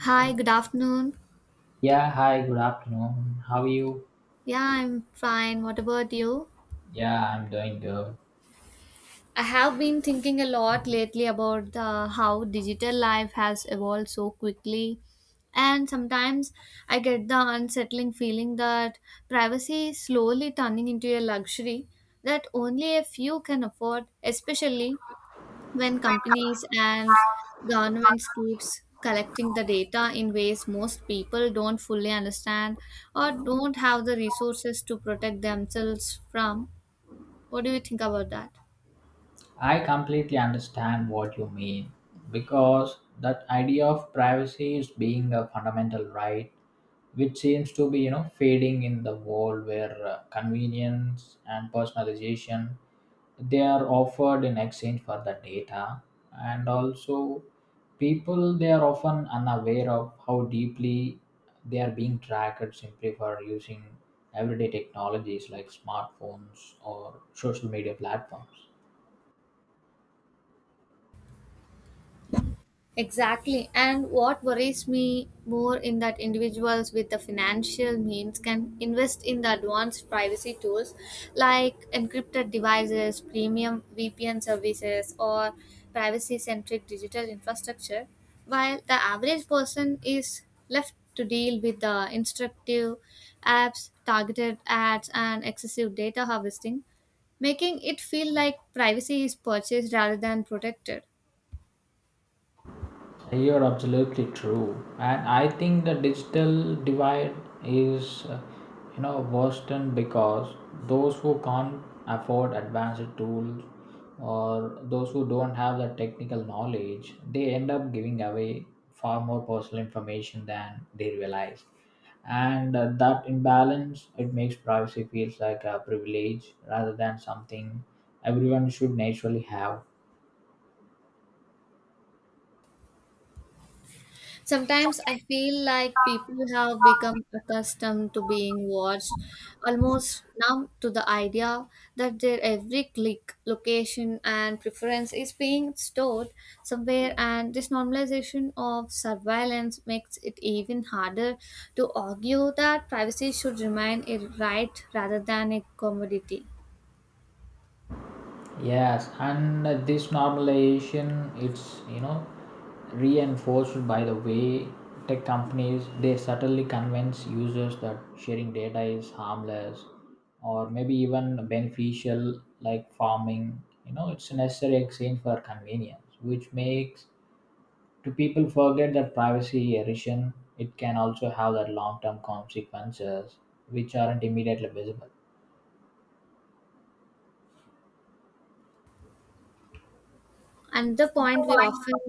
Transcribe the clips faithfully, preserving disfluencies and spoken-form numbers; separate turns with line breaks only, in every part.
Hi, good afternoon.
Yeah, hi, good afternoon. How are you?
Yeah, I'm fine. What about you?
Yeah, I'm doing good.
I have been thinking a lot lately about uh, how digital life has evolved so quickly. And sometimes I get the unsettling feeling that privacy is slowly turning into a luxury that only a few can afford, especially when companies and governments keeps collecting the data in ways most people don't fully understand or don't have the resources to protect themselves from. What do you think about that?
I completely understand what you mean because that idea of privacy is being a fundamental right which seems to be, you know, fading in the world where uh, convenience and personalization they are offered in exchange for the data, and also people they are often unaware of how deeply they are being tracked simply for using everyday technologies like smartphones or social media platforms.
Exactly. And what worries me more in that individuals with the financial means can invest in the advanced privacy tools like encrypted devices, premium V P N services, or privacy centric digital infrastructure, while the average person is left to deal with the instructive apps, targeted ads, and excessive data harvesting, making it feel like privacy is purchased rather than protected.
You're absolutely true, and I think the digital divide is, uh, you know, worsened because those who can't afford advanced tools or those who don't have the technical knowledge, they end up giving away far more personal information than they realize, and uh, that imbalance it makes privacy feels like a privilege rather than something everyone should naturally have.
Sometimes I feel like people have become accustomed to being watched, almost numb to the idea that their every click, location, and preference is being stored somewhere, and this normalization of surveillance makes it even harder to argue that privacy should remain a right rather than a commodity.
Yes, and this normalization it's, you know, reinforced by the way tech companies they subtly convince users that sharing data is harmless or maybe even beneficial, like farming, you know, it's a necessary exchange for convenience, which makes to people forget that privacy erosion it can also have that long-term consequences which aren't immediately visible.
Another point we often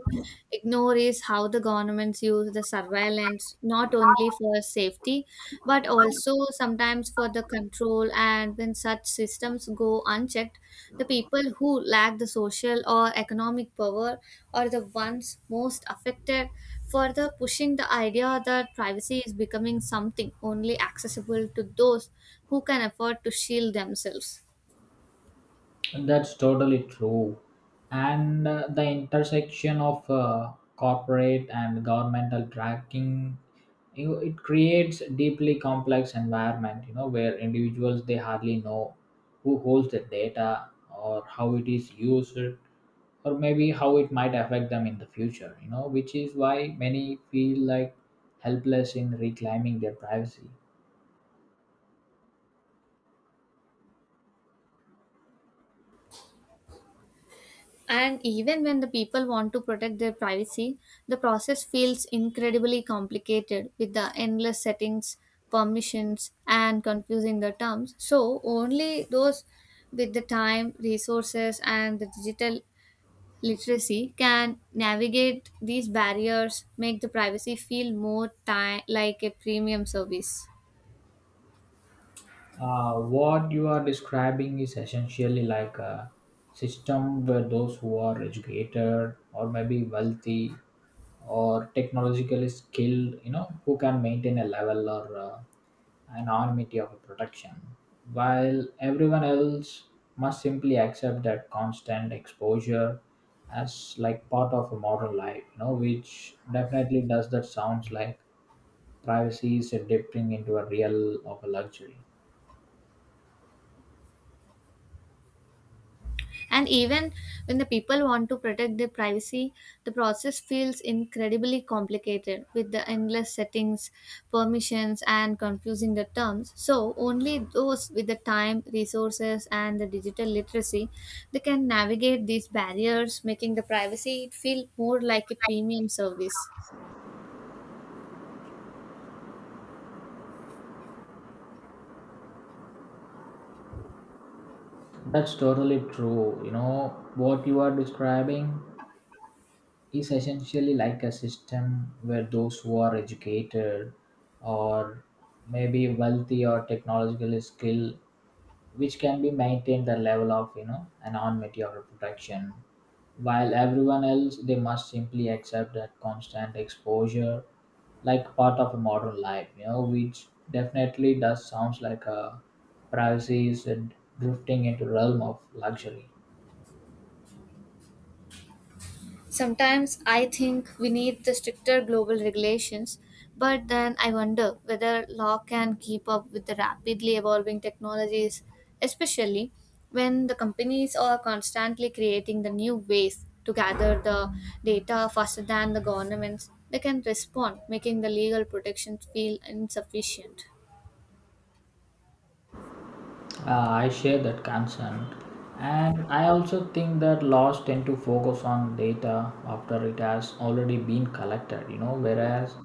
ignore is how the governments use the surveillance not only for safety but also sometimes for the control. And when such systems go unchecked, the people who lack the social or economic power are the ones most affected, further pushing the idea that privacy is becoming something only accessible to those who can afford to shield themselves.
That's totally true. And uh, the intersection of uh, corporate and governmental tracking, you know, it creates deeply complex environment, you know, where individuals, they hardly know who holds the data or how it is used, or maybe how it might affect them in the future, you know, which is why many feel like helpless in reclaiming their privacy.
And even when the people want to protect their privacy, the process feels incredibly complicated with the endless settings, permissions, and confusing the terms. So, only those with the time, resources, and the digital literacy can navigate these barriers, make the privacy feel more ti- like a premium service.
Uh, what you are describing is essentially like a system where those who are educated or maybe wealthy or technologically skilled, you know, who can maintain a level or uh, anonymity of a production, while everyone else must simply accept that constant exposure as like part of a modern life, you know, which definitely does that sounds like privacy is a dipping into a real of a luxury.
And even when the people want to protect their privacy, the process feels incredibly complicated with the endless settings, permissions, and confusing the terms. So, only those with the time, resources, and the digital literacy they can navigate these barriers, making the privacy feel more like a premium service.
That's totally true. You know, what you are describing is essentially like a system where those who are educated or maybe wealthy or technologically skilled, which can be maintained the level of, you know, anonymity or protection, while everyone else, they must simply accept that constant exposure like part of a modern life, you know, which definitely does sounds like a privacy is drifting into realm of luxury.
Sometimes I think we need the stricter global regulations, but then I wonder whether law can keep up with the rapidly evolving technologies, especially when the companies are constantly creating the new ways to gather the data faster than the governments. They can respond, making the legal protections feel insufficient.
Uh, I share that concern. And I also think that laws tend to focus on data after it has already been collected, you know, whereas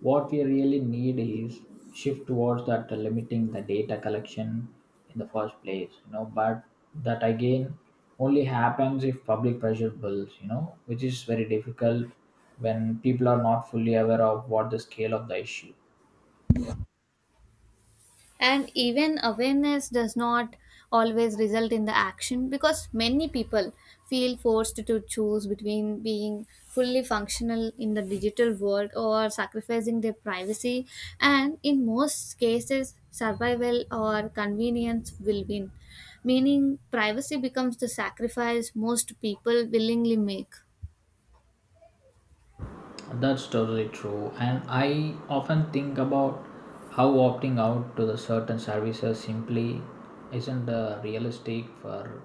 what we really need is shift towards that limiting the data collection in the first place, you know, but that again only happens if public pressure builds, you know, which is very difficult when people are not fully aware of what the scale of the issue.
And even awareness does not always result in the action, because many people feel forced to choose between being fully functional in the digital world or sacrificing their privacy, and in most cases survival or convenience will win, meaning privacy becomes the sacrifice most people willingly make.
That's totally true. And I often think about how opting out to the certain services simply isn't uh, realistic. For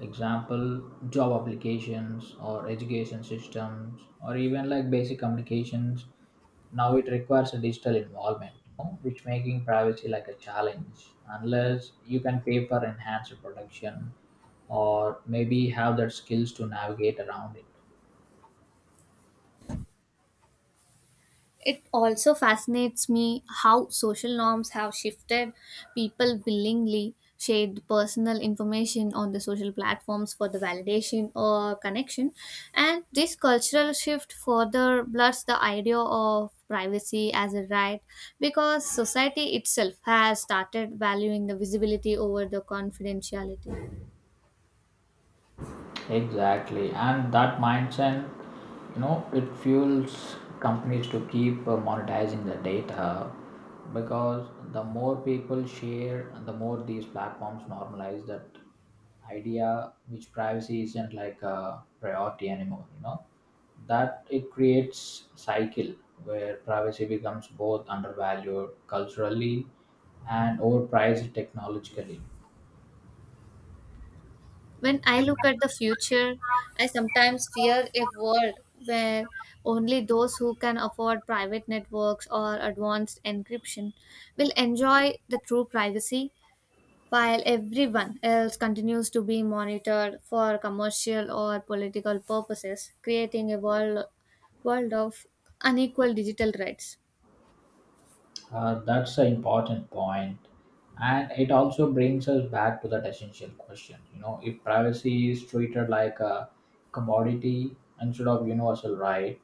example, job applications or education systems or even like basic communications. Now it requires a digital involvement, you know, which making privacy like a challenge unless you can pay for enhanced protection, or maybe have the skills to navigate around it.
It also fascinates me how social norms have shifted. People willingly shared personal information on the social platforms for the validation or connection, and this cultural shift further blurs the idea of privacy as a right because society itself has started valuing the visibility over the confidentiality.
Exactly, and that mindset, you know, it fuels companies to keep uh, monetizing the data because the more people share, the more these platforms normalize that idea, which privacy isn't like a priority anymore. You know, that it creates cycle where privacy becomes both undervalued culturally and overpriced technologically.
When I look at the future, I sometimes fear a world where only those who can afford private networks or advanced encryption will enjoy the true privacy, while everyone else continues to be monitored for commercial or political purposes, creating a world, world of unequal digital rights.
Uh, that's an important point, and it also brings us back to that essential question. You know, if privacy is treated like a commodity instead of universal right,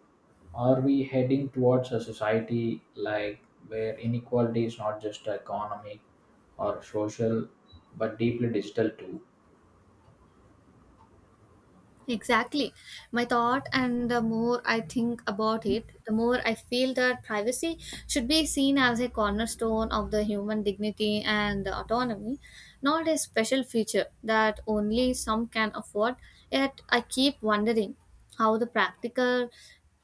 are we heading towards a society like where inequality is not just economic or social, but deeply digital too?
Exactly. My thought, and the more I think about it, the more I feel that privacy should be seen as a cornerstone of the human dignity and autonomy, not a special feature that only some can afford. Yet I keep wondering how the practical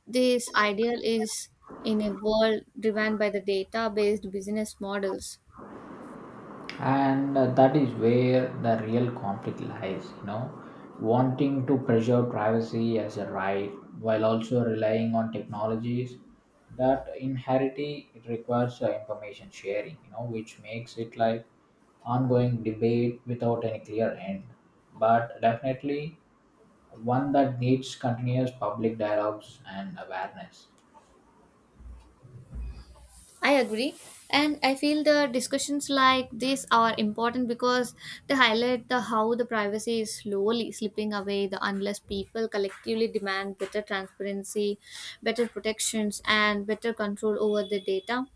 this ideal is in a world driven by the data based business models.
And uh, that is where the real conflict lies, you know, wanting to preserve privacy as a right while also relying on technologies that inherently requires uh, information sharing, you know, which makes it like ongoing debate without any clear end, but definitely one that needs continuous public dialogues and awareness.
I agree. And I feel the discussions like this are important because they highlight the how the privacy is slowly slipping away the unless people collectively demand better transparency, better protections and better control over the data.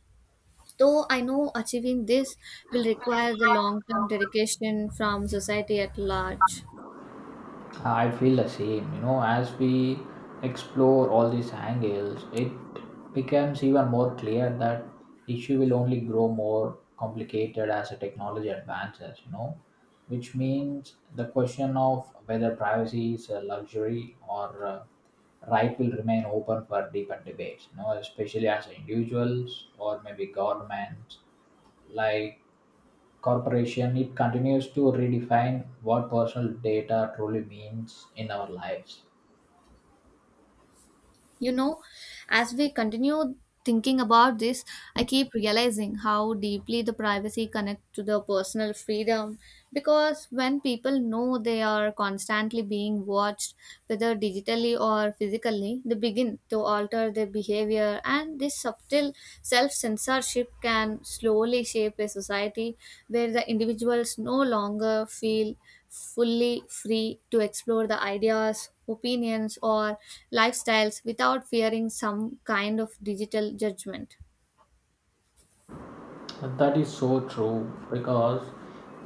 Though I know achieving this will require the long term dedication from society at large.
I feel the same. You know, as we explore all these angles, it becomes even more clear that issue will only grow more complicated as the technology advances. You know, which means the question of whether privacy is a luxury or a right will remain open for deeper debates. You know, especially as individuals or maybe governments like corporation, it continues to redefine what personal data truly means in our lives.
You know, as we continue thinking about this, I keep realizing how deeply the privacy connects to the personal freedom because when people know they are constantly being watched, whether digitally or physically, they begin to alter their behavior, and this subtle self censorship can slowly shape a society where the individuals no longer feel fully free to explore the ideas, opinions, or lifestyles without fearing some kind of digital judgment.
And that is so true because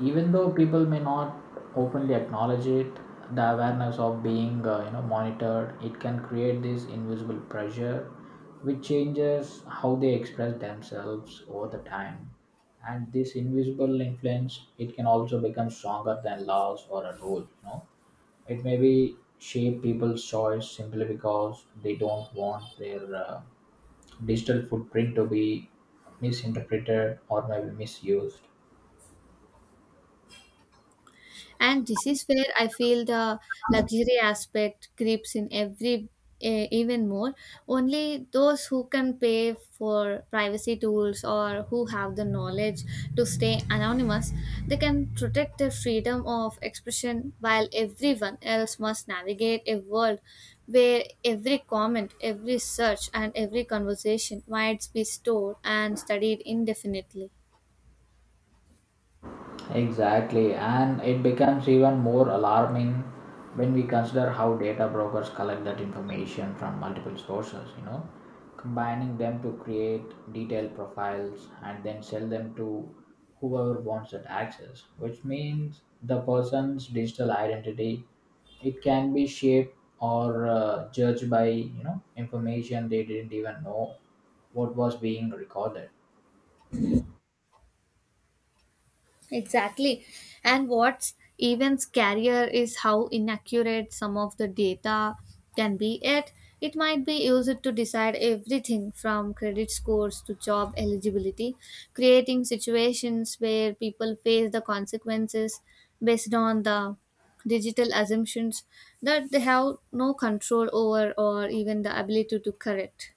even though people may not openly acknowledge it, the awareness of being, uh, you know, monitored, it can create this invisible pressure, which changes how they express themselves over the time. And this invisible influence, it can also become stronger than laws or a rule. You know, it may be shape people's choice simply because they don't want their uh, digital footprint to be misinterpreted or maybe misused.
And this is where I feel the luxury aspect creeps in every uh, even more. Only those who can pay for privacy tools or who have the knowledge to stay anonymous, they can protect their freedom of expression, while everyone else must navigate a world where every comment, every search, and every conversation might be stored and studied indefinitely.
Exactly, and it becomes even more alarming when we consider how data brokers collect that information from multiple sources, you know, combining them to create detailed profiles and then sell them to whoever wants that access, which means the person's digital identity it can be shaped or uh, judged by, you know, information they didn't even know what was being recorded.
Exactly. And what's even scarier is how inaccurate some of the data can be at. It might be used to decide everything from credit scores to job eligibility, creating situations where people face the consequences based on the digital assumptions that they have no control over or even the ability to correct.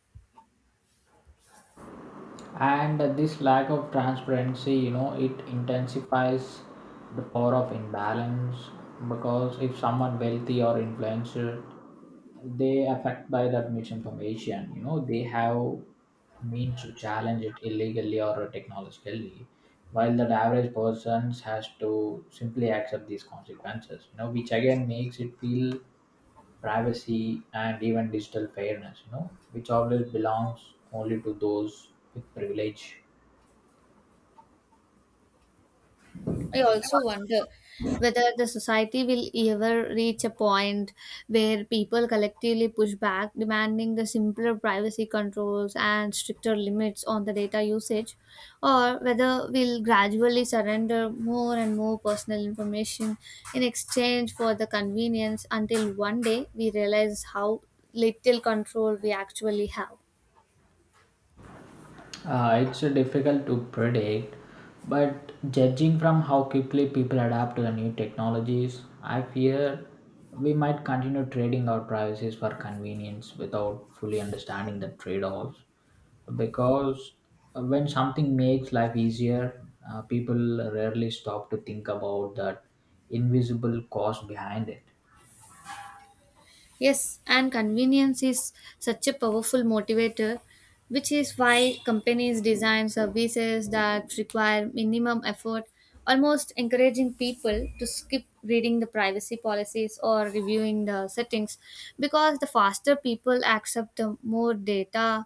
And this lack of transparency, you know, it intensifies the power of imbalance because if someone wealthy or influencer they affect by that misinformation, you know, they have means to challenge it illegally or technologically, while that average person has to simply accept these consequences, you know, which again makes it feel privacy and even digital fairness, you know, which always belongs only to those with privilege.
I also wonder whether the society will ever reach a point where people collectively push back, demanding the simpler privacy controls and stricter limits on the data usage, or whether we'll gradually surrender more and more personal information in exchange for the convenience until one day we realize how little control we actually have.
Uh, it's uh, difficult to predict, but judging from how quickly people adapt to the new technologies, I fear we might continue trading our privacies for convenience without fully understanding the trade offs. Because uh, when something makes life easier, uh, people rarely stop to think about that invisible cost behind it.
Yes, and convenience is such a powerful motivator, which is why companies design services that require minimum effort, almost encouraging people to skip reading the privacy policies or reviewing the settings because the faster people accept, the more data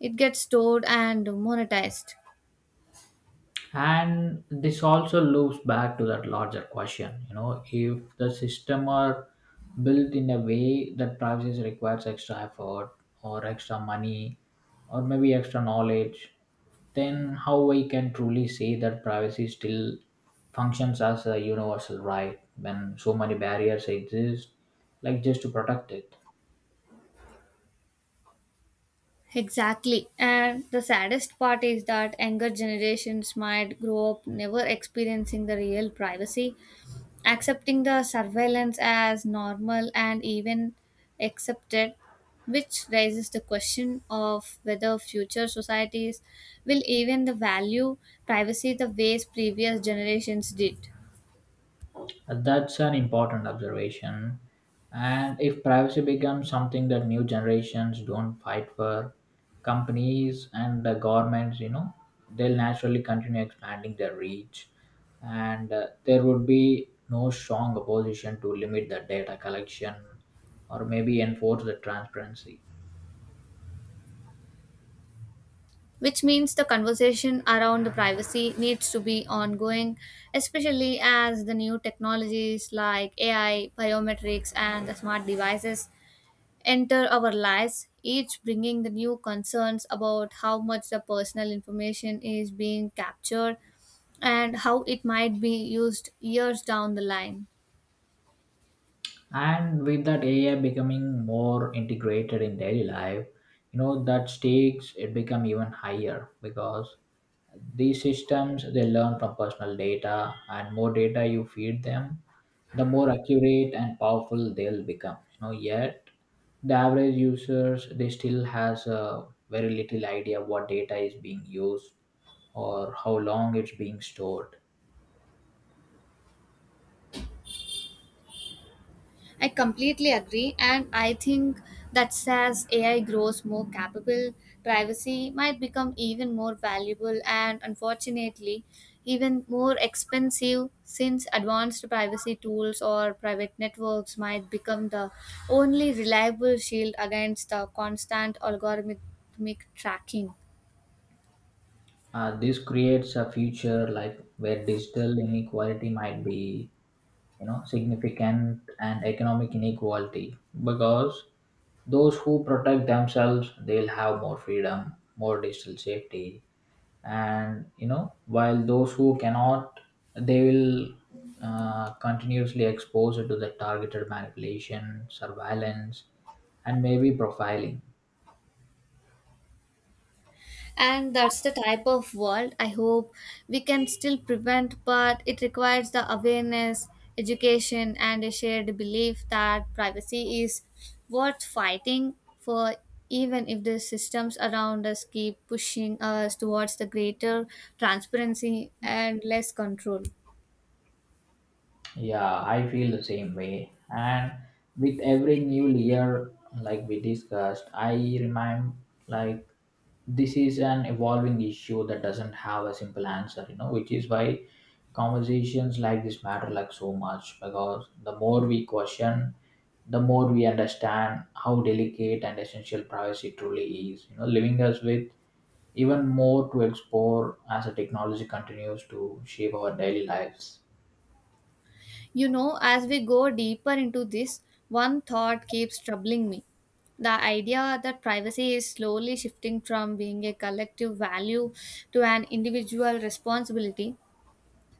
it gets stored and monetized.
And this also loops back to that larger question, you know, if the system are built in a way that privacy requires extra effort or extra money or maybe extra knowledge, then how we can truly say that privacy still functions as a universal right when so many barriers exist like just to protect it.
Exactly. And the saddest part is that younger generations might grow up never experiencing the real privacy, accepting the surveillance as normal and even accepted, which raises the question of whether future societies will even the value privacy the ways previous generations did.
That's an important observation. And if privacy becomes something that new generations don't fight for, companies and the governments, you know, they'll naturally continue expanding their reach. And uh, there would be no strong opposition to limit the data collection or maybe enforce the transparency.
Which means the conversation around the privacy needs to be ongoing, especially as the new technologies like A I, biometrics, and the smart devices enter our lives, each bringing the new concerns about how much the personal information is being captured and how it might be used years down the line.
And with that A I becoming more integrated in daily life, you know, that stakes it become even higher because these systems they learn from personal data, and more data you feed them, the more accurate and powerful they'll become. You know, yet the average users they still has a very little idea what data is being used or how long it's being stored.
I completely agree, and I think that as A I grows more capable, privacy might become even more valuable and unfortunately even more expensive, since advanced privacy tools or private networks might become the only reliable shield against the constant algorithmic tracking.
Uh, this creates a future like where digital inequality might be, you know, significant and economic inequality because those who protect themselves, they'll have more freedom, more digital safety, and you know, while those who cannot, they will uh, continuously expose it to the targeted manipulation, surveillance, and maybe profiling.
And that's the type of world I hope we can still prevent, but it requires the awareness, education, and a shared belief that privacy is worth fighting for, even if the systems around us keep pushing us towards the greater transparency and less control.
Yeah, I feel the same way. And with every new layer, like we discussed, I remind like this is an evolving issue that doesn't have a simple answer, you know, which is why conversations like this matter like so much, because the more we question the more we understand how delicate and essential privacy truly is, you know, leaving us with even more to explore as the technology continues to shape our daily lives.
You know, as we go deeper into this, one thought keeps troubling me. The idea that privacy is slowly shifting from being a collective value to an individual responsibility,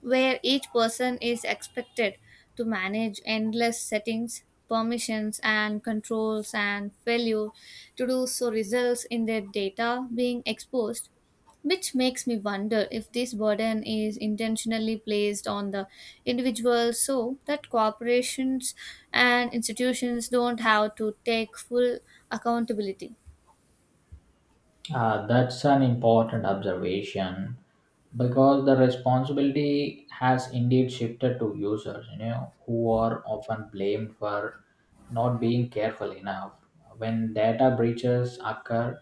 where each person is expected to manage endless settings, permissions, and controls, and failure to do so results in their data being exposed. Which makes me wonder if this burden is intentionally placed on the individual so that corporations and institutions don't have to take full accountability.
uh, That's an important observation because the responsibility has indeed shifted to users, you know, who are often blamed for not being careful enough when data breaches occur,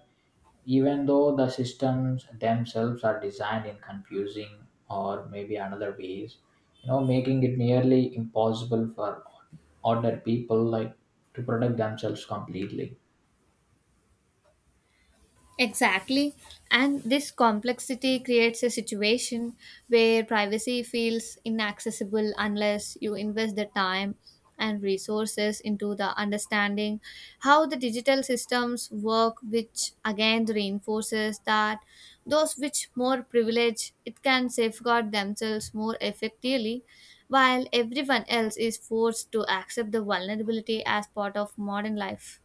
even though the systems themselves are designed in confusing or maybe another ways, you know, making it nearly impossible for ordinary people like to protect themselves completely.
Exactly. And this complexity creates a situation where privacy feels inaccessible unless you invest the time and resources into the understanding how the digital systems work, which again reinforces that those which more privilege it can safeguard themselves more effectively, while everyone else is forced to accept the vulnerability as part of modern life.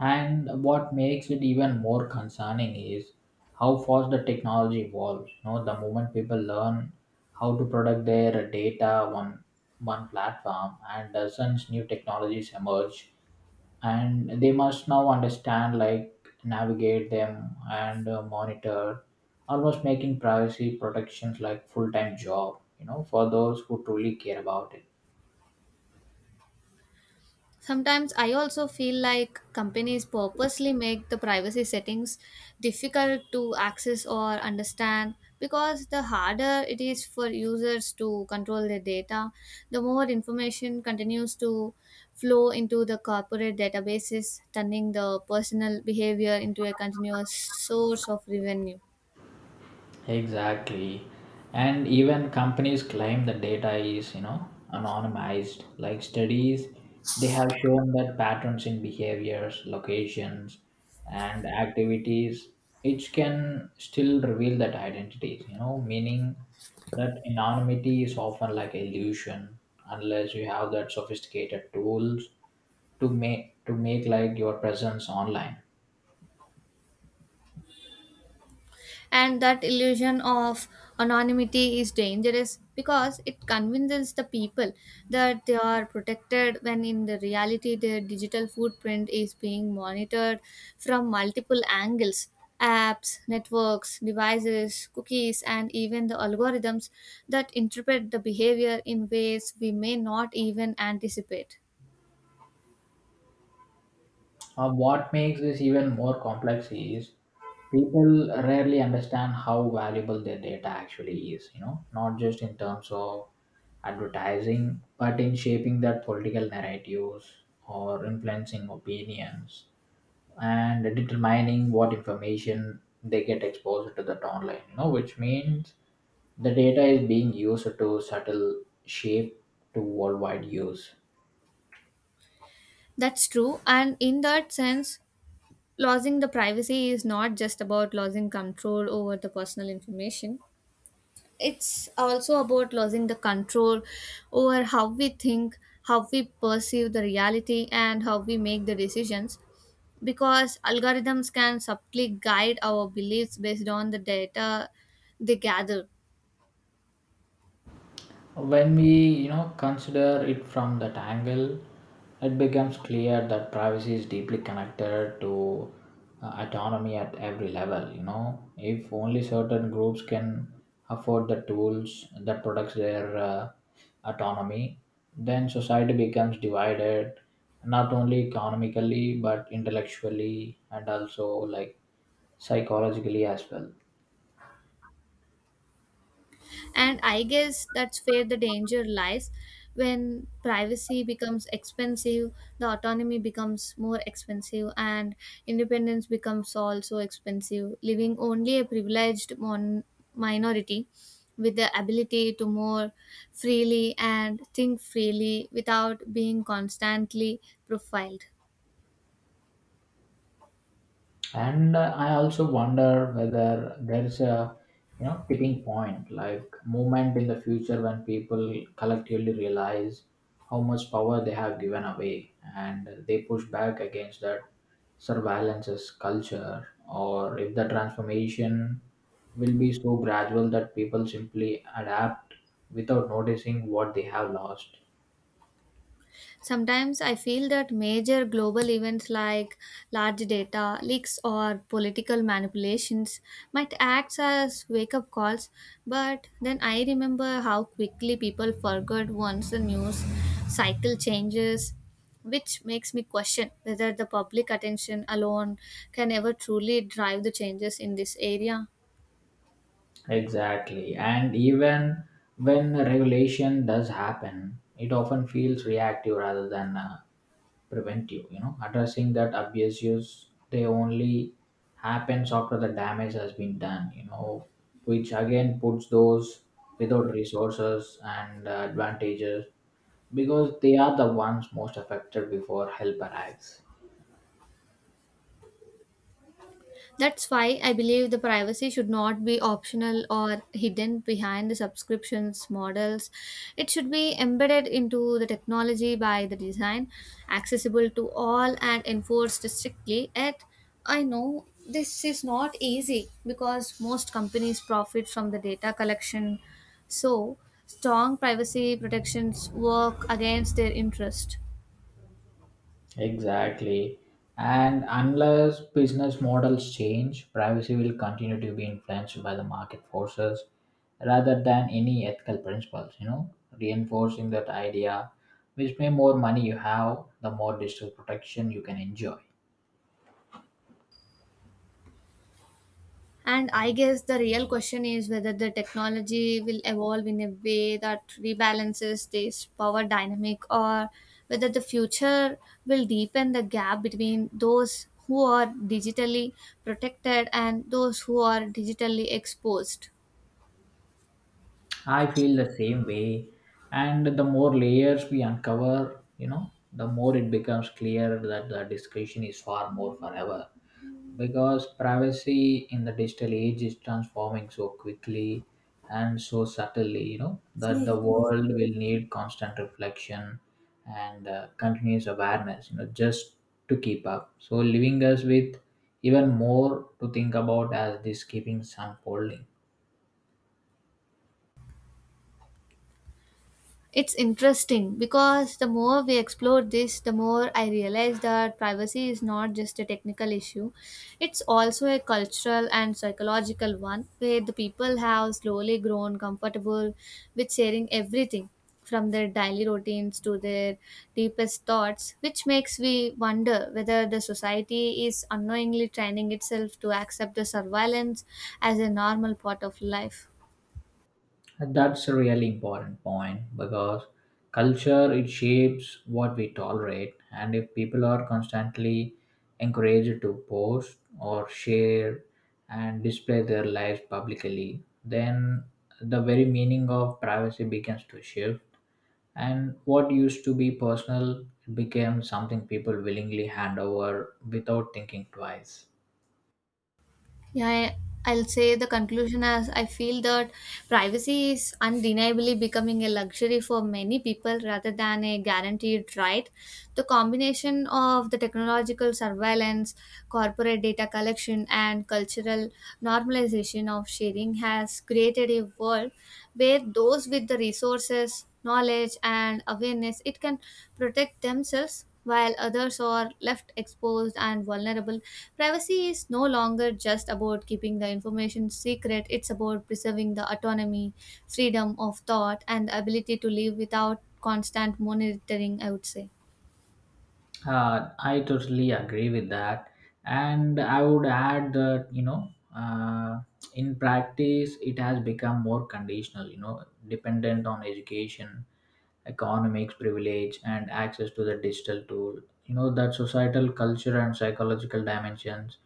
And what makes it even more concerning is how fast the technology evolves. You know, the moment people learn how to protect their data on one platform and dozens new technologies emerge and they must now understand like navigate them and uh, monitor, almost making privacy protections like full-time job, you know, for those who truly care about it.
Sometimes I also feel like companies purposely make the privacy settings difficult to access or understand because the harder it is for users to control their data, the more information continues to flow into the corporate databases, turning the personal behavior into a continuous source of revenue.
Exactly. And even companies claim the data is, you know, anonymized. Like studies, they have shown that patterns in behaviors, locations, and activities, which can still reveal that identity, you know, meaning that anonymity is often like illusion unless you have that sophisticated tools to make to make like your presence online.
And that illusion of anonymity is dangerous because it convinces the people that they are protected when in the reality their digital footprint is being monitored from multiple angles. Apps, networks, devices, cookies, and even the algorithms that interpret the behavior in ways we may not even anticipate.
Uh, what makes this even more complex is people rarely understand how valuable their data actually is, you know, not just in terms of advertising but in shaping that political narratives or influencing opinions and determining what information they get exposed to that online, you know, which means the data is being used to subtle shape to worldwide use.
That's true. And in that sense, losing the privacy is not just about losing control over the personal information. It's also about losing the control over how we think, how we perceive the reality, and how we make the decisions, because algorithms can subtly guide our beliefs based on the data they gather.
When we, you know, consider it from that angle, it becomes clear that privacy is deeply connected to uh, autonomy at every level. You know, if only certain groups can afford the tools that protects their uh, autonomy, then society becomes divided not only economically but intellectually and also like psychologically as well.
And I guess that's where the danger lies. When privacy becomes expensive, the autonomy becomes more expensive, and independence becomes also expensive, leaving only a privileged mon- minority with the ability to more freely and think freely without being constantly profiled.
And uh, I also wonder whether there's a, you know, tipping point like moment in the future when people collectively realize how much power they have given away and they push back against that surveillance's culture, or if the transformation will be so gradual that people simply adapt without noticing what they have lost.
Sometimes I feel that major global events like large data leaks or political manipulations might act as wake up calls, but then I remember how quickly people forgot once the news cycle changes, which makes me question whether the public attention alone can ever truly drive the changes in this area.
Exactly. And even when regulation does happen, it often feels reactive rather than uh, preventive. You know, addressing that obvious use, they only happens after the damage has been done, you know, which again puts those without resources and uh, advantages because they are the ones most affected before help arrives.
That's why I believe the privacy should not be optional or hidden behind the subscriptions models. It should be embedded into the technology by the design, accessible to all and enforced strictly. Yet, I know this is not easy because most companies profit from the data collection. So, strong privacy protections work against their interest.
Exactly. And unless business models change, privacy will continue to be influenced by the market forces rather than any ethical principles, you know, reinforcing that idea which may more money you have, the more digital protection you can enjoy.
And I guess the real question is whether the technology will evolve in a way that rebalances this power dynamic, or whether the future will deepen the gap between those who are digitally protected and those who are digitally exposed.
I feel the same way. And the more layers we uncover, you know, the more it becomes clear that the discretion is far more forever, because privacy in the digital age is transforming so quickly and so subtly, you know, that the world will need constant reflection and uh, continuous awareness, you know, just to keep up, so leaving us with even more to think about as this keeps unfolding.
It's interesting because the more we explore this, the more I realize that privacy is not just a technical issue. It's also a cultural and psychological one, where the people have slowly grown comfortable with sharing everything from their daily routines to their deepest thoughts, which makes we wonder whether the society is unknowingly training itself to accept the surveillance as a normal part of life.
And that's a really important point because culture it shapes what we tolerate, and if people are constantly encouraged to post or share and display their lives publicly, then the very meaning of privacy begins to shift and what used to be personal became something people willingly hand over without thinking twice.
Yeah, I- I'll say the conclusion as I feel that privacy is undeniably becoming a luxury for many people rather than a guaranteed right. The combination of the technological surveillance, corporate data collection, and cultural normalization of sharing has created a world where those with the resources, knowledge, and awareness it can protect themselves while others are left exposed and vulnerable. Privacy is no longer just about keeping the information secret, it's about preserving the autonomy, freedom of thought, and the ability to live without constant monitoring, I would say.
Uh, I totally agree with that, and I would add that, you know, uh, in practice, it has become more conditional. You know, dependent on education economics privilege and access to the digital tool, you know, that societal culture and psychological dimensions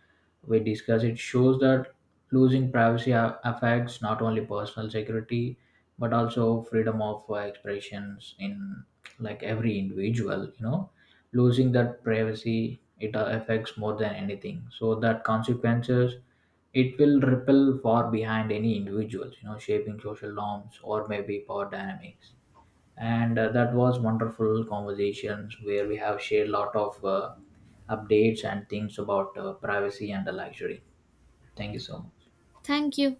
we discuss it shows that losing privacy a- affects not only personal security but also freedom of uh, expressions in like every individual, you know, losing that privacy it uh, affects more than anything, so that consequences it will ripple far behind any individuals, you know, shaping social norms or maybe power dynamics. And uh, that was wonderful conversations where we have shared a lot of uh, updates and things about uh, privacy and the luxury. Thank you so much.
Thank you.